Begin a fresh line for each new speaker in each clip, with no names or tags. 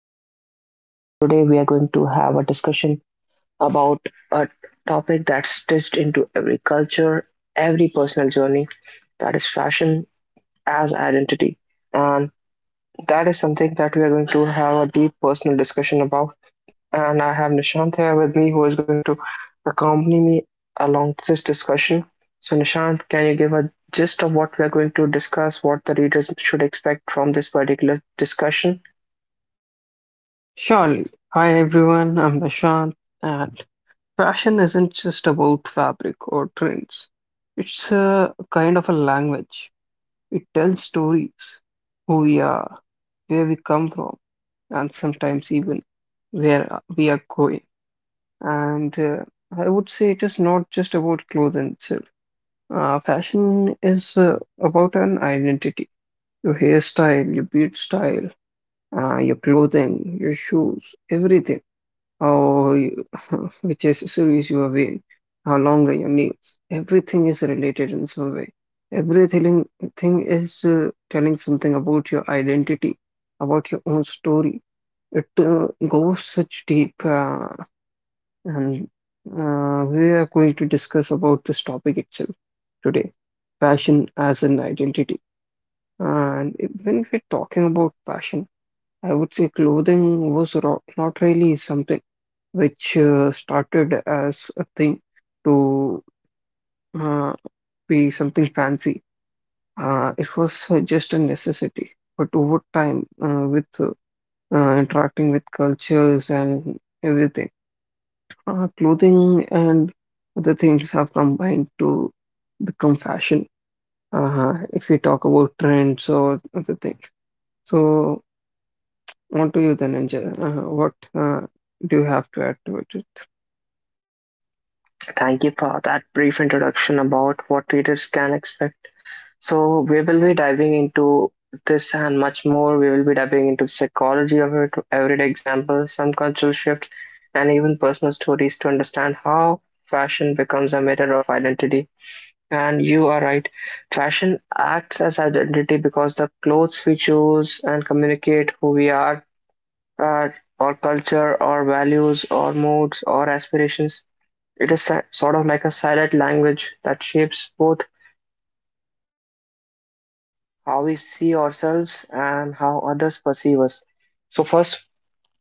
guys. Today we are going to have a discussion about a topic that's stitched into every culture, every personal journey that is fashion as identity. And that is something that we are going to have a deep personal discussion about. And I have Nishant here with me who is going to accompany me along this discussion. So, Nishant, can you give a gist of what we are going to discuss, what the readers should expect from this particular discussion?
Surely. Hi everyone, I'm Nishant, and fashion isn't just about fabric or trends. It's a kind of a language. It tells stories, who we are, where we come from, and sometimes even where we are going. And I would say it is not just about clothing itself. Fashion is about an identity. Your hairstyle, your beard style, your clothing, your shoes, everything how you, which accessories you are wearing, how long are your nails. Everything is related in some way. Everything thing is telling something about your identity, about your own story. It goes such deep, and we are going to discuss about this topic itself today, fashion as an identity. And when we're talking about fashion, I would say clothing was not really something which started as a thing to uh, be something fancy. It was just a necessity. But over time, with interacting with cultures and everything, clothing and other things have combined to become fashion. If we talk about trends or other things. So, on to you then, Angel. What do you have to add to it?
Thank you for that brief introduction about what readers can expect. So, we will be diving into this and much more. We will be diving into the psychology of it, everyday examples, some cultural shifts, and even personal stories to understand how fashion becomes a mirror of identity. And you are right, fashion acts as identity because the clothes we choose and communicate who we are, uh, our culture, our values, our moods, our aspirations. It is sort of like a silent language that shapes both how we see ourselves and how others perceive us. So, first,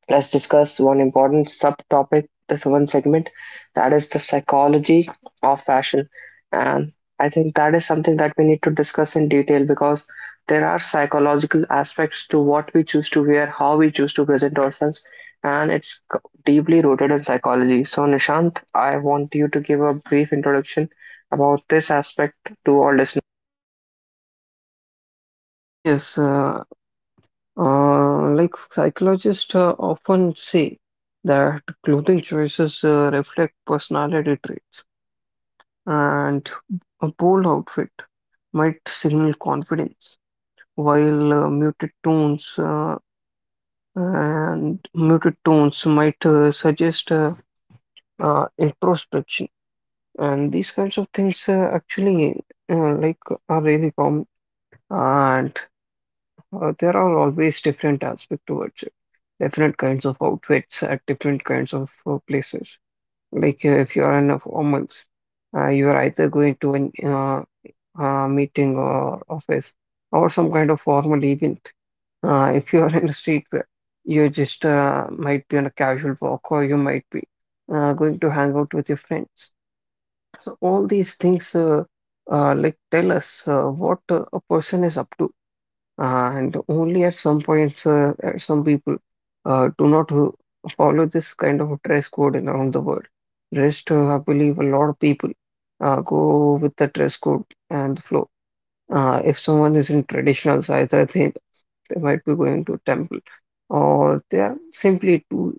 let's discuss one important subtopic, this one segment, that is the psychology of fashion. And I think that is something that we need to discuss in detail because there are psychological aspects to what we choose to wear, how we choose to present ourselves, and it's deeply rooted in psychology. So, Nishant, I want you to give a brief introduction about this aspect to our listeners.
Yes, like psychologists often say that clothing choices reflect personality traits, and a bold outfit might signal confidence, while muted tones and muted tones might suggest introspection. And these kinds of things actually, like, are really common, and there are always different aspects towards it. Different kinds of outfits at different kinds of places. Like if you are in a formals, you are either going to an meeting or office or some kind of formal event. If you are in a street, you just might be on a casual walk or you might be going to hang out with your friends. So all these things, like, tell us what a person is up to. And only at some points, some people do not follow this kind of dress code around the world. Rest, I believe a lot of people go with the dress code and the flow. If someone is in traditional size, I think they might be going to temple or they are simply too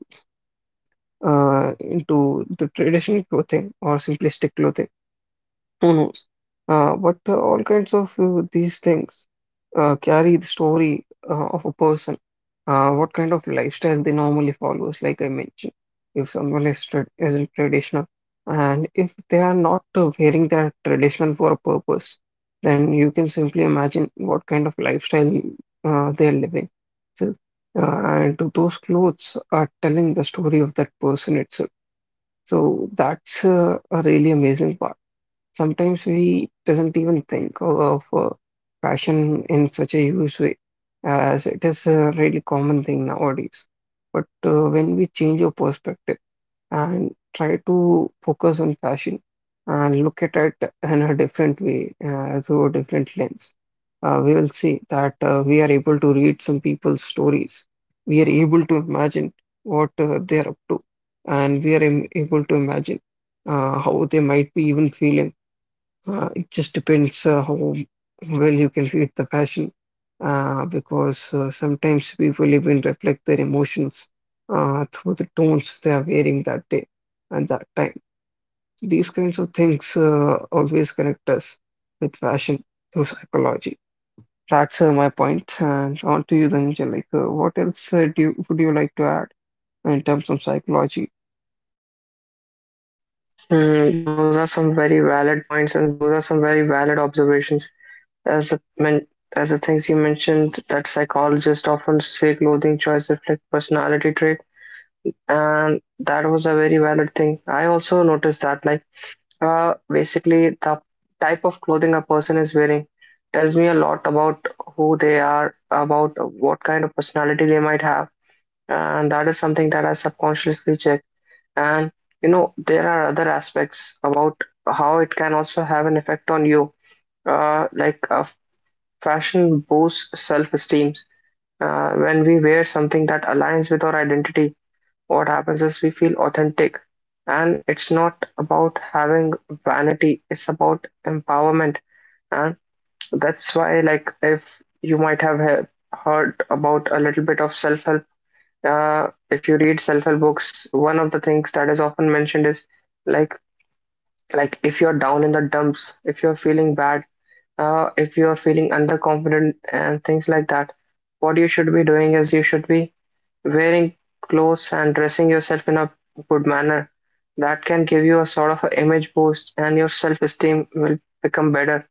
into the traditional clothing or simplistic clothing. Who knows? But all kinds of these things carry the story of a person, what kind of lifestyle they normally follows, like I mentioned. If someone is tra isn't traditional, and if they are not wearing their traditional for a purpose, then you can simply imagine what kind of lifestyle they're living. So, and those clothes are telling the story of that person itself. So that's a really amazing part. Sometimes we doesn't even think of fashion in such a huge way, as it is a really common thing nowadays. But when we change our perspective and try to focus on fashion and look at it in a different way, through a different lens, we will see that we are able to read some people's stories. We are able to imagine what they are up to, and we are able to imagine how they might be even feeling. It just depends how well you can read the passion, because sometimes people even reflect their emotions through the tones they are wearing that day and that time. These kinds of things always connect us with fashion through psychology. That's my point. And on to you, Dhananjay. Like, what else would you like to add in terms of psychology?
Hmm, those are some very valid points, and those are some very valid observations. As the men- as the things you mentioned, that psychologists often say clothing choice reflect personality trait, and that was a very valid thing. I also noticed that, like, basically the type of clothing a person is wearing tells me a lot about who they are, about what kind of personality they might have, and that is something that I subconsciously check. And there are other aspects about how it can also have an effect on you. Like, fashion boosts self-esteem. When we wear something that aligns with our identity, what happens is we feel authentic. And it's not about having vanity, it's about empowerment. And that's why, like, if you might have heard about a little bit of self-help, if you read self-help books, one of the things that is often mentioned is like, if you're down in the dumps, if you're feeling bad, if you are feeling underconfident and things like that, what you should be doing is you should be wearing clothes and dressing yourself in a good manner. That can give you a sort of an image boost, and your self-esteem will become better.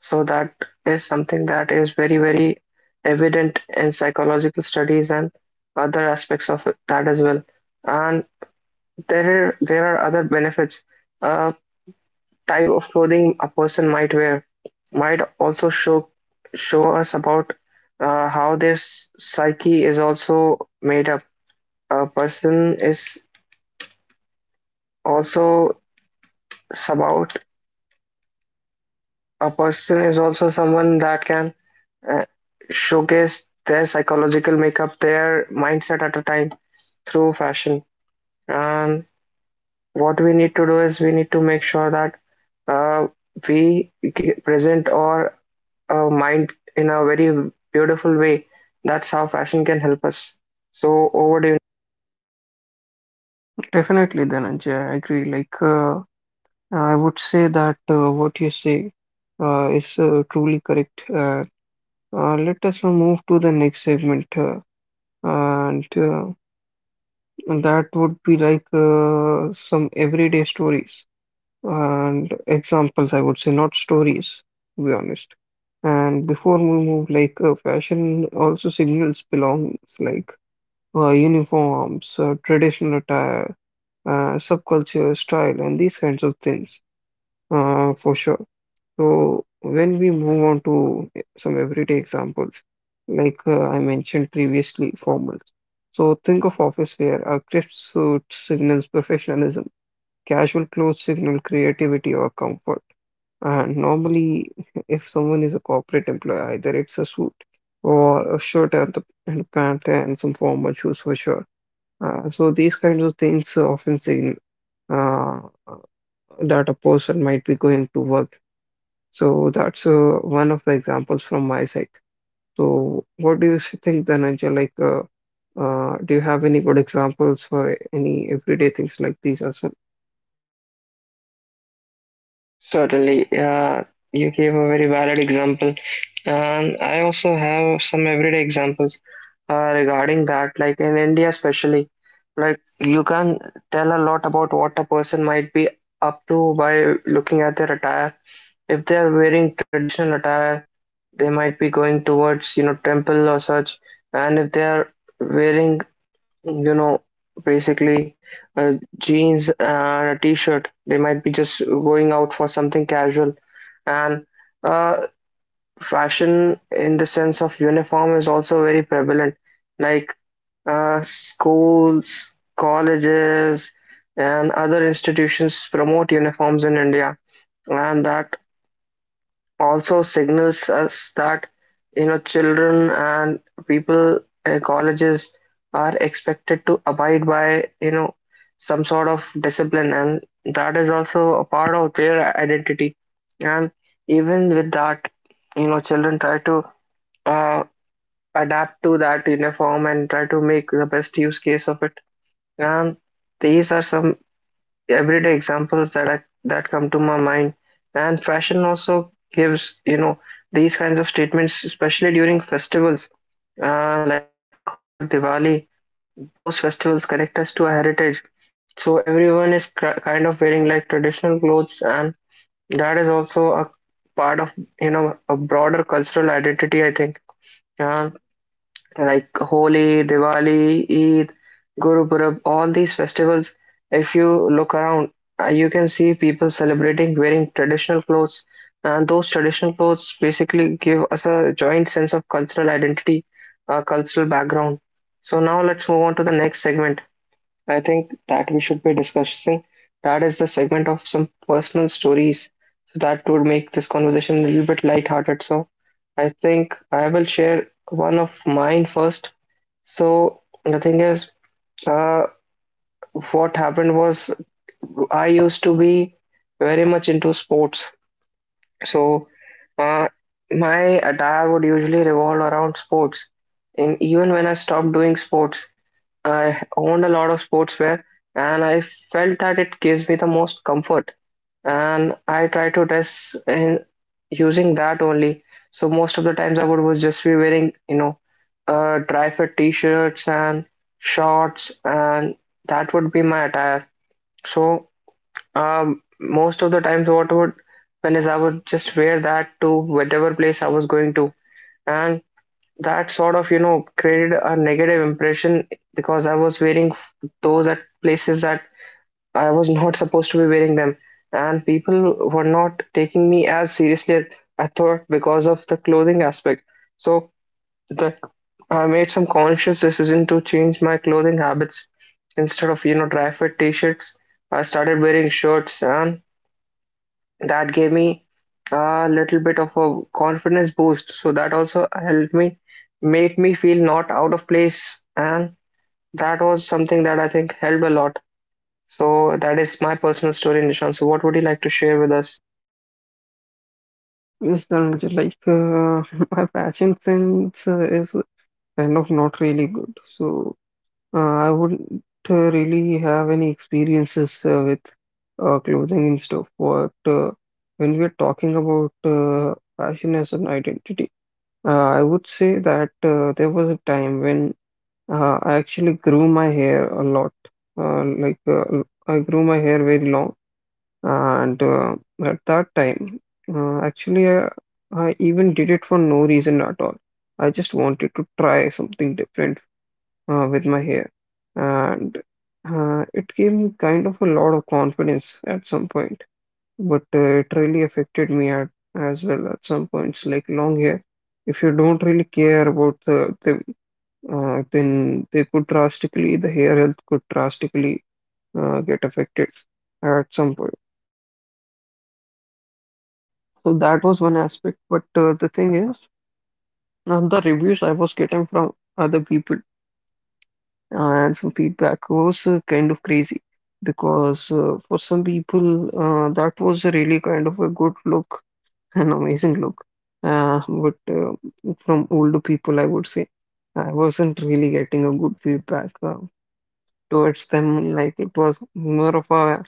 So that is something that is very, very evident in psychological studies and other aspects of that as well. And there are other benefits. Uh, Type of clothing a person might wear might also show us about, how their psyche is also made up. A person is also about a person is also someone that can uh, showcase their psychological makeup, their mindset at a time through fashion. And what we need to do is we need to make sure that, uh, we present or our mind in a very beautiful way. That's how fashion can help us. So over to you.
Definitely, Dhananjay, I agree. Like, I would say that what you say is truly correct. Let us now move to the next segment, and that would be like some everyday stories and examples, I would say, not stories, to be honest. And before we move, like, fashion also signals belongings, like uniforms, traditional attire, subculture, style, and these kinds of things, for sure. So when we move on to some everyday examples, like I mentioned previously, formals. So think of office wear. A crisp suit signals professionalism. Casual clothes signal creativity or comfort. And normally, if someone is a corporate employee, either it's a suit or a shirt and a pant and some formal shoes for sure. So these kinds of things often signal uh, that a person might be going to work, so that's one of the examples from my side. So what do you think, Dhananjay? Like, do you have any good examples for any everyday things like these as well?
Certainly, you gave a very valid example, and I also have some everyday examples, regarding that. Like in India, especially, like you can tell a lot about what a person might be up to by looking at their attire. If they are wearing traditional attire, they might be going towards, temple or such, and if they are wearing, you know, basically, uh, jeans and a t-shirt. They might be just going out for something casual. And uh, fashion in the sense of uniform is also very prevalent. Like, schools, colleges, and other institutions promote uniforms in India, and that also signals us that, children and people, colleges, are expected to abide by, some sort of discipline, and that is also a part of their identity. And even with that, children try to uh, adapt to that uniform and try to make the best use case of it. And these are some everyday examples that that come to my mind. And fashion also gives, these kinds of statements, especially during festivals, like Holi or Diwali. Those festivals connect us to our heritage, so everyone is kind of wearing like traditional clothes, and that is also a part of, a broader cultural identity, I think. Uh, like Holi, Diwali, Eid, Guru Purab, all these festivals, if you look around, you can see people celebrating wearing traditional clothes. And those traditional clothes basically give us a joint sense of cultural identity, cultural background. So now let's move on to the next segment. I think that we should be discussing, that is the segment of some personal stories. So that would make this conversation a little bit lighthearted. So I think I will share one of mine first. So the thing is, uh, what happened was I used to be very much into sports. So, uh, my attire would usually revolve around sports. And even when I stopped doing sports, I owned a lot of sportswear and I felt that it gives me the most comfort, and I try to dress in using that only. So most of the times I would was just be wearing, you know, dry fit t-shirts and shorts, and that would be my attire. So, most of the times what would happen is I would just wear that to whatever place I was going to, and that sort of, created a negative impression, because I was wearing those at places that I was not supposed to be wearing them, and people were not taking me as seriously as I thought because of the clothing aspect. So, the, I made some conscious decision to change my clothing habits. Instead of, dry fit t-shirts, I started wearing shirts, and that gave me a little bit of a confidence boost. So that also helped me, made me feel not out of place, and that was something that I think helped a lot. So that is my personal story, Nishant. So what would you like to share with us?
Mr. Dhananjay, like my fashion sense is kind of not really good. So uh, I wouldn't really have any experiences with clothing and stuff. But when we're talking about fashion as an identity, I would say that there was a time when I actually grew my hair a lot. I grew my hair very long, and at that time, actually, I even did it for no reason at all. I just wanted to try something different with my hair, and it gave me kind of a lot of confidence at some point. But it really affected me as well at some points. Like long hair, if you don't really care about the, then they could drastically, the hair health could drastically get affected at some point. So that was one aspect. But the thing is, now the reviews I was getting from other people and some feedback was kind of crazy, because for some people that was really kind of a good look, an amazing look. But from older people, I would say I wasn't really getting a good feedback. Towards them. Like it was more of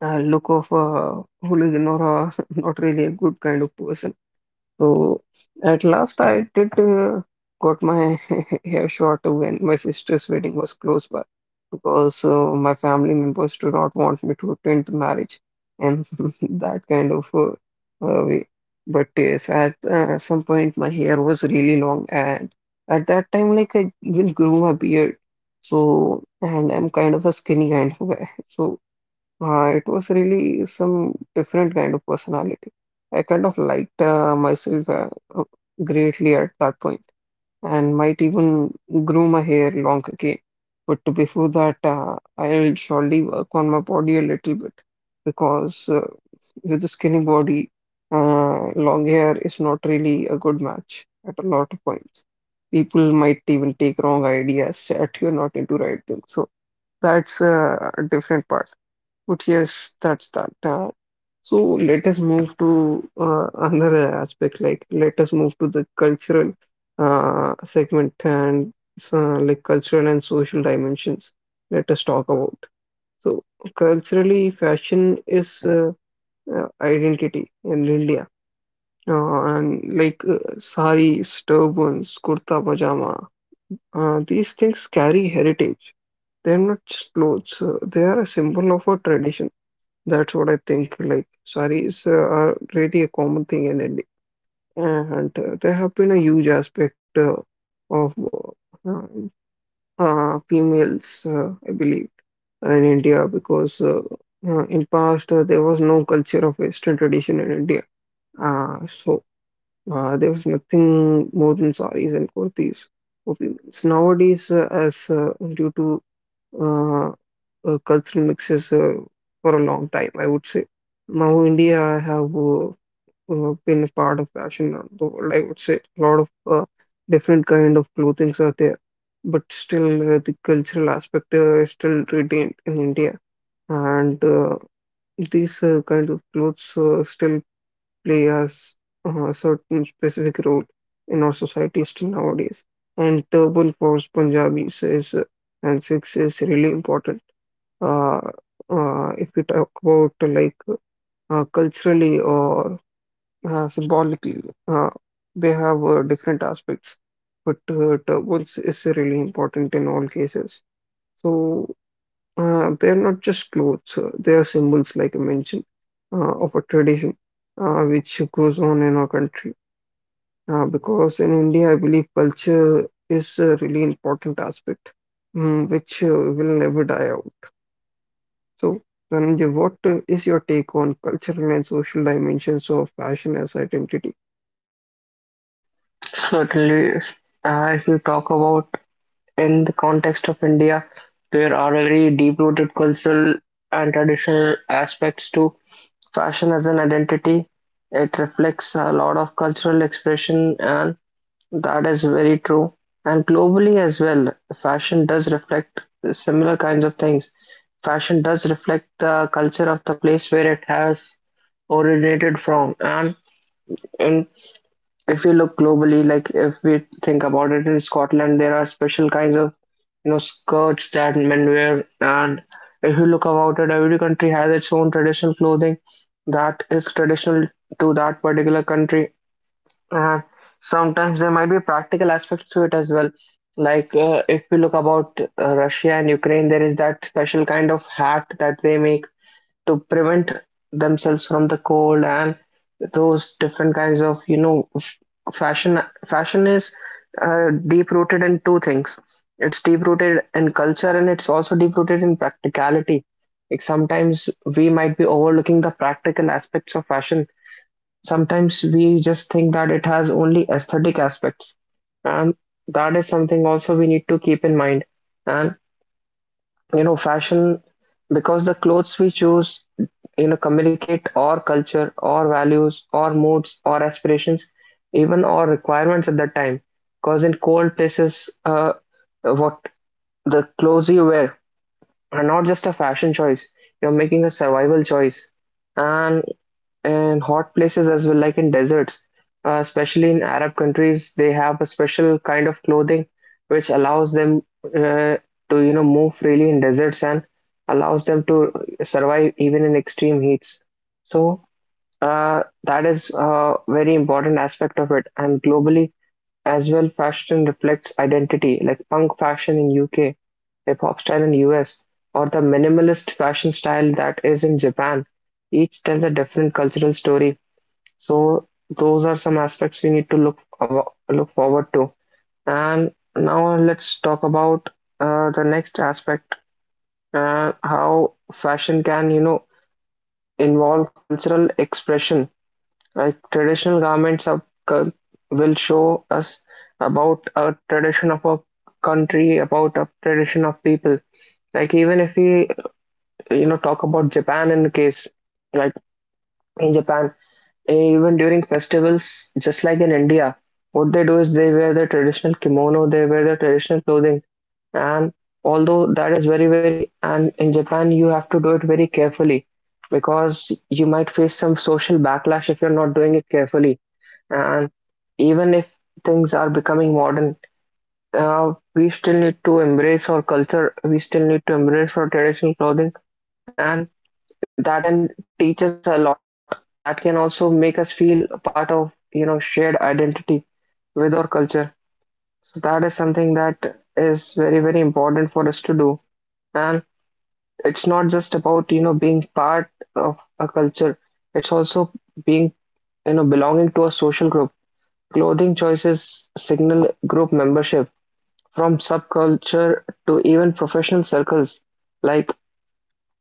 a look of a hooligan or a, not really a good kind of person. So at last, I did got my hair short when my sister's wedding was close by, because my family members do not want me to attend the marriage and that kind of way. But yes, at some point, my hair was really long, and at that time, like I even grew my beard. So, and I'm kind of a skinny kind of guy. So it was really some different kind of personality. I kind of liked myself uh, greatly at that point and might even grow my hair long again. But before that, I'll surely work on my body a little bit because, with a skinny body, long hair is not really a good match at a lot of points. People might even take wrong ideas that you're not into right things. So that's a different part. But yes, that's that. So let us move to another aspect. Like let us move to the cultural segment and so, like cultural and social dimensions. Let us talk about. So culturally, fashion is identity in India. And like, saris, turbans, kurta pajama, these things carry heritage. They're not just clothes. They are a symbol of a tradition, that's what I think. Like, saris are really a common thing in India, and they have been a huge aspect of uh, females, I believe, in India, because in past there was no culture of Western tradition in India. So there was nothing more than saris and kurtis for females. Nowadays, as due to uh, cultural mixes for a long time, I would say. Now, India have been a part of fashion around the world, I would say. A lot of uh, different kind of clothings are there, but still the cultural aspect is still retained in India. And These kind of clothes still play as a certain specific role in our society still nowadays. And turban for Punjabis is, and Sikhs is really important, uh, if we talk about like culturally or symbolically, uh, they have different aspects, but turbans is really important in all cases. So they're not just clothes, they are symbols, like I mentioned, of a tradition which goes on in our country. Because in India, I believe culture is a really important aspect, which will never die out. So, Dhananjay, what is your take on cultural and social dimensions of fashion as identity?
Certainly, if you talk about in the context of India, there are very deep-rooted cultural and traditional aspects to fashion as an identity. It reflects a lot of cultural expression, and that is very true. And globally as well, fashion does reflect similar kinds of things. Fashion does reflect the culture of the place where it has originated from, and in if we look globally, like if we think about it, in Scotland there are special kinds of, skirts that men wear, and if you look about it, every country has its own traditional clothing that is traditional to that particular country. And sometimes there might be practical aspects to it as well. Like, if we look about, Russia and Ukraine, there is that special kind of hat that they make to prevent themselves from the cold. And those different kinds of, fashion fashion is, deep rooted in two things. It's deep rooted in culture and it's also deep rooted in practicality. Like sometimes we might be overlooking the practical aspects of fashion. Sometimes we just think that it has only aesthetic aspects, and that is something also we need to keep in mind. And, fashion, because the clothes we choose, communicate our culture, our values, our moods, our aspirations, even our requirements at that time. Because in cold places, what the clothes you wear are not just a fashion choice, you're making a survival choice. And in hot places as well, like in deserts. Especially in Arab countries, they have a special kind of clothing which allows them, to, you know, move freely in deserts and allows them to survive even in extreme heats. So, that is a very important aspect of it. And globally as well, fashion reflects identity, like punk fashion in UK, hip hop style in US, or the minimalist fashion style that is in Japan. Each tells a different cultural story, so those are some aspects we need to look forward to. And now, let's talk about, the next aspect, how fashion can, you know, involve cultural expression. Like traditional garments of cul- will show us about a tradition of a country, about a tradition of people. Like even if we, you know, talk about Japan in the case, like in Japan, even during festivals, just like in India, what they do is they wear their traditional kimono, they wear their traditional clothing. And although that is and in Japan, you have to do it very carefully because you might face some social backlash if you're not doing it carefully. And even if things are becoming modern, we still need to embrace our culture, we still need to embrace our traditional clothing. And that can teach us a lot, that can also make us feel part of, you know, shared identity with our culture. So that is something that is very, very important for us to do. And it's not just about, you know, being part of a culture, it's also being, you know, belonging to a social group. Clothing choices signal group membership, from subculture to even professional circles. Like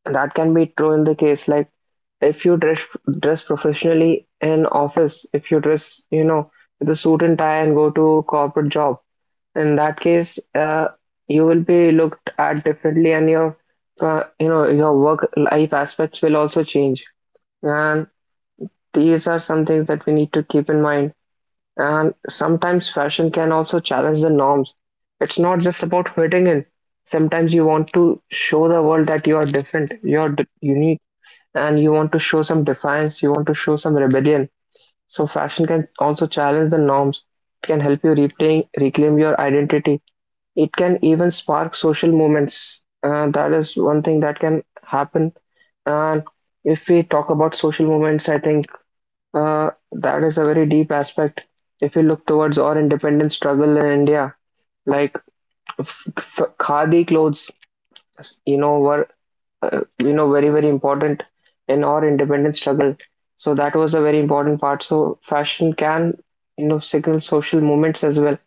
that can be true in the case, like if you dress professionally in office, if you dress, you know, with a suit and tie and go to corporate job, in that case, you will be looked at differently, and your, you know, your work life aspects will also change. And these are some things that we need to keep in mind. And sometimes fashion can also challenge the norms. It's not just about fitting in. Sometimes you want to show the world that you are different, you're unique, and you want to show some defiance, you want to show some rebellion. So fashion can also challenge the norms. It can help you reclaim your identity. It can even spark social movements. That is one thing that can happen. And if we talk about social movements, I think that is a very deep aspect. If we look towards our independence struggle in India, like khadi clothes, you know, were you know, very, very important in our independence struggle. So that was a very important part. So fashion can, you know, signal social movements as well.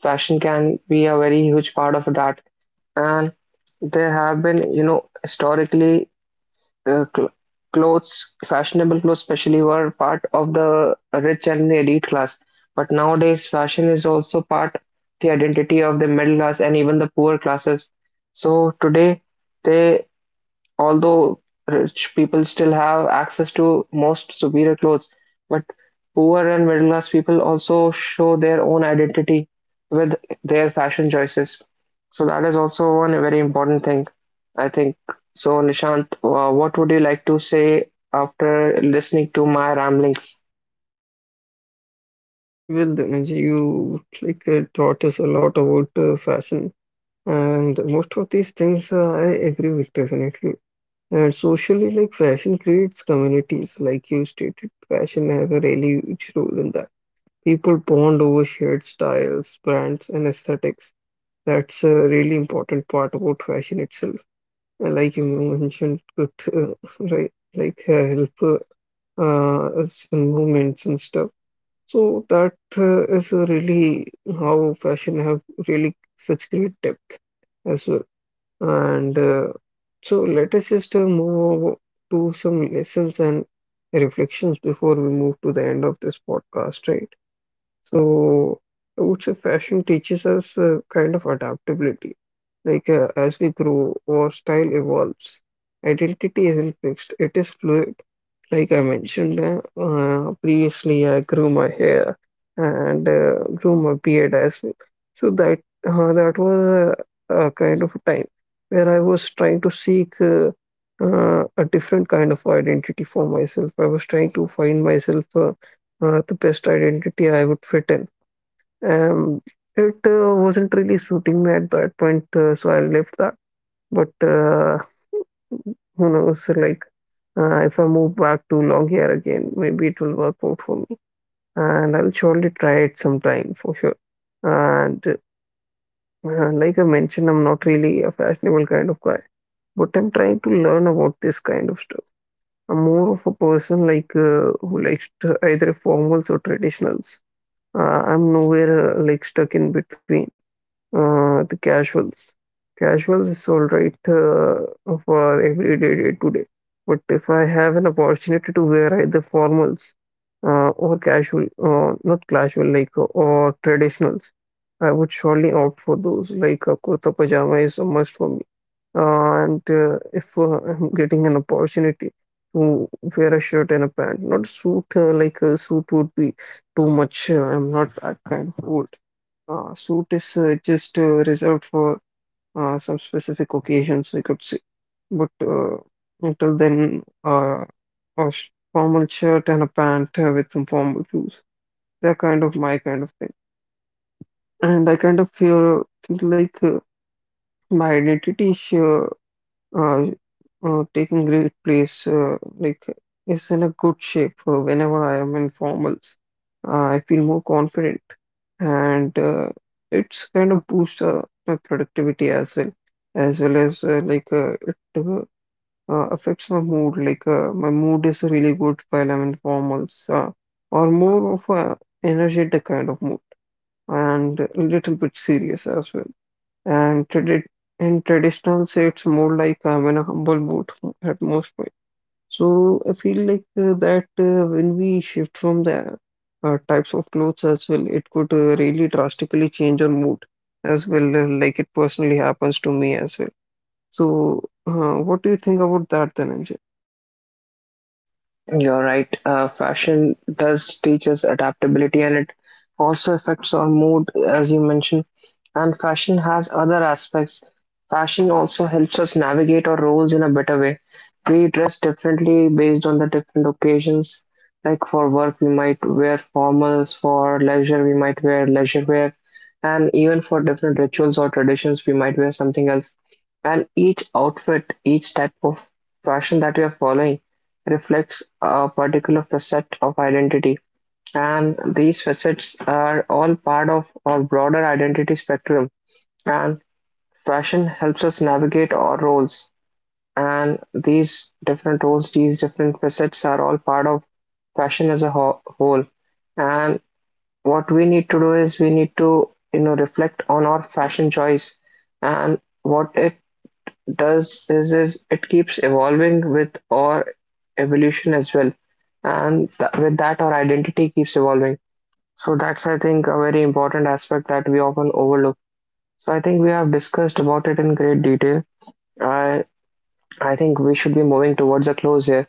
Fashion can be a very huge part of that. And there have been, you know, historically, uh, cl- clothes, fashionable clothes especially, were part of the rich and the elite class. But nowadays fashion is also part the identity of the middle class and even the poor classes. So today they, although rich people still have access to most superior clothes, but poor and middle class people also show their own identity with their fashion choices. So that is also one very important thing, I think. So Nishant, what would you like to say after listening to my ramblings?
Well, Dhananjay, you taught us a lot about fashion, and most of these things I agree with definitely. And socially, like fashion creates communities, like you stated, fashion has a really huge role in that. People bond over shared styles, brands, and aesthetics. That's a really important part about fashion itself. Like you mentioned, it could help us in movements and stuff. So that is really how fashion have really such great depth as well. And so let us just move over to some lessons and reflections before we move to the end of this podcast, right? So I would say fashion teaches us a kind of adaptability. Like as we grow, our style evolves. Identity isn't fixed, it is fluid. Like I mentioned previously, I grew my hair and grew my beard as well. So that was a kind of time where I was trying to seek a different kind of identity for myself. I was trying to find myself. The best identity I would fit in. Um, it wasn't really suiting me at that point, so I left that. But who knows? If I move back to long hair again, maybe it will work out for me, and I'll surely try it sometime for sure. And like I mentioned, I'm not really a fashionable kind of guy, but I'm trying to learn about this kind of stuff. I'm more of a person who likes to either formals or traditionals. I'm nowhere like stuck in between. The casuals. Casuals is all right for everyday day to day. But if I have an opportunity to wear either formals or casual, not casual, like, or traditionals, I would surely opt for those. Like a kurta pajama is a must for me. And if I'm getting an opportunity to wear a shirt and a pant, not suit, like a suit would be too much. I'm not that kind of old. Suit is just reserved for some specific occasions, we could say. But until then, a formal shirt and a pant with some formal shoes. They're kind of my kind of thing. And I kind of feel like my identity is uh, taking great place, like is in a good shape whenever I am in formals. I feel more confident and it's kind of boosts my productivity as well, as well as like it affects my mood. Like my mood is really good while I'm in formals, or more of a energetic kind of mood and a little bit serious as well. And tradi In traditionals, it's more like I'm in a humble mood at most point. So I feel like that when we shift from the types of clothes as well, it could really drastically change our mood as well, it personally happens to me as well. So what do you think about that then, Anjali?
You're right. Fashion does teach us adaptability, and it also affects our mood, as you mentioned. And fashion has other aspects. Fashion also helps us navigate our roles in a better way. We dress differently based on the different occasions. Like for work, we might wear formals, for leisure, we might wear leisure wear, and even for different rituals or traditions, we might wear something else. And each outfit, each type of fashion that we are following reflects a particular facet of identity, and these facets are all part of our broader identity spectrum. And fashion helps us navigate our roles, and these different roles, these different facets are all part of fashion as a whole. And what we need to do is we need to, you know, reflect on our fashion choice, and what it does is it keeps evolving with our evolution as well, and with that our identity keeps evolving. So that's, I think, a very important aspect that we often overlook. So I think we have discussed about it in great detail. I i think we should be moving towards a close here.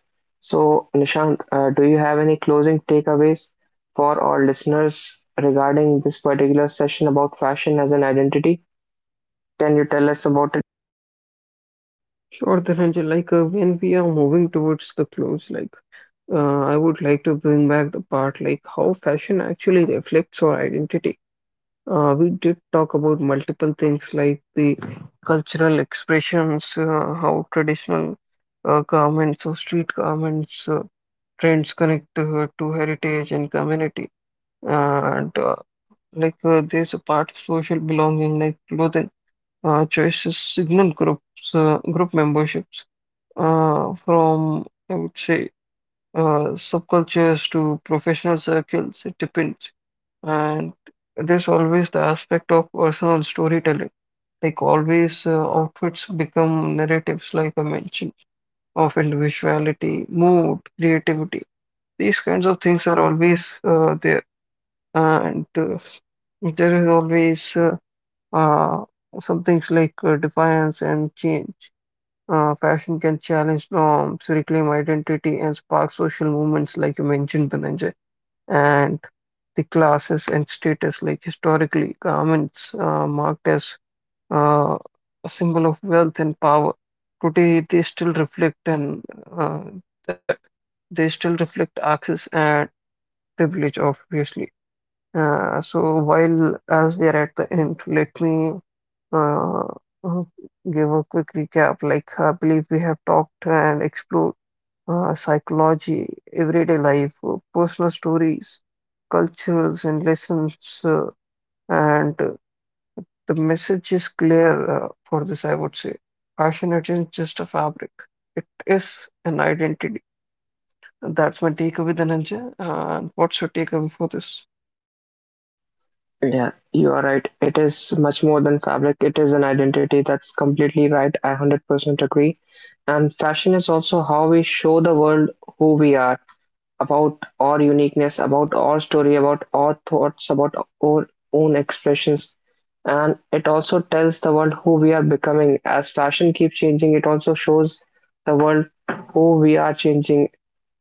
So Nishant, do you have any closing takeaways for our listeners regarding this particular session about fashion as an identity? Can you tell us about?
Sure, then Anjali, when we are moving towards the clothes, I would like to bring back the part like how fashion actually reflects our identity. We did talk about multiple things like the cultural expressions, how traditional garments or street garments trends connect to heritage and community. And there's a part of social belonging, like clothing choices, signal groups, group memberships from, I would say, subcultures to professional circles, it depends. And there's always the aspect of personal storytelling. Like always, outfits become narratives, like I mentioned, of individuality, mood, creativity. These kinds of things are always there. And there is always uh, some things like defiance and change. Fashion can challenge norms, reclaim identity, and spark social movements, like you mentioned, Dhananjay, and the classes and status, like historically garments marked as uh, a symbol of wealth and power. Today they still reflect and uh, that they still reflect access and privilege obviously. So while as we are at the end, let me uh, uh, give a quick recap. Like I believe we have talked and explored psychology, everyday life, personal stories, cultures, and lessons. And The message is clear for this, I would say. Fashion isn't just a fabric, it is an identity. That's my takeaway, Dhananjay. And what's your takeaway for this?
Yeah, you are right. It is much more than fabric. It is an identity. That's completely right. I 100% agree. And fashion is also how we show the world who we are, about our uniqueness, about our story, about our thoughts, about our own expressions. And it also tells the world who we are becoming. As fashion keeps changing, it also shows the world who we are changing.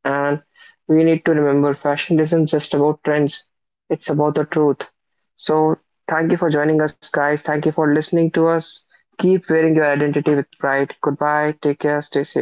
And we need to remember, fashion isn't just about trends, it's about the truth. So, thank you for joining us, guys. Thank you for listening to us. Keep wearing your identity with pride. Goodbye. Take care. Stay safe.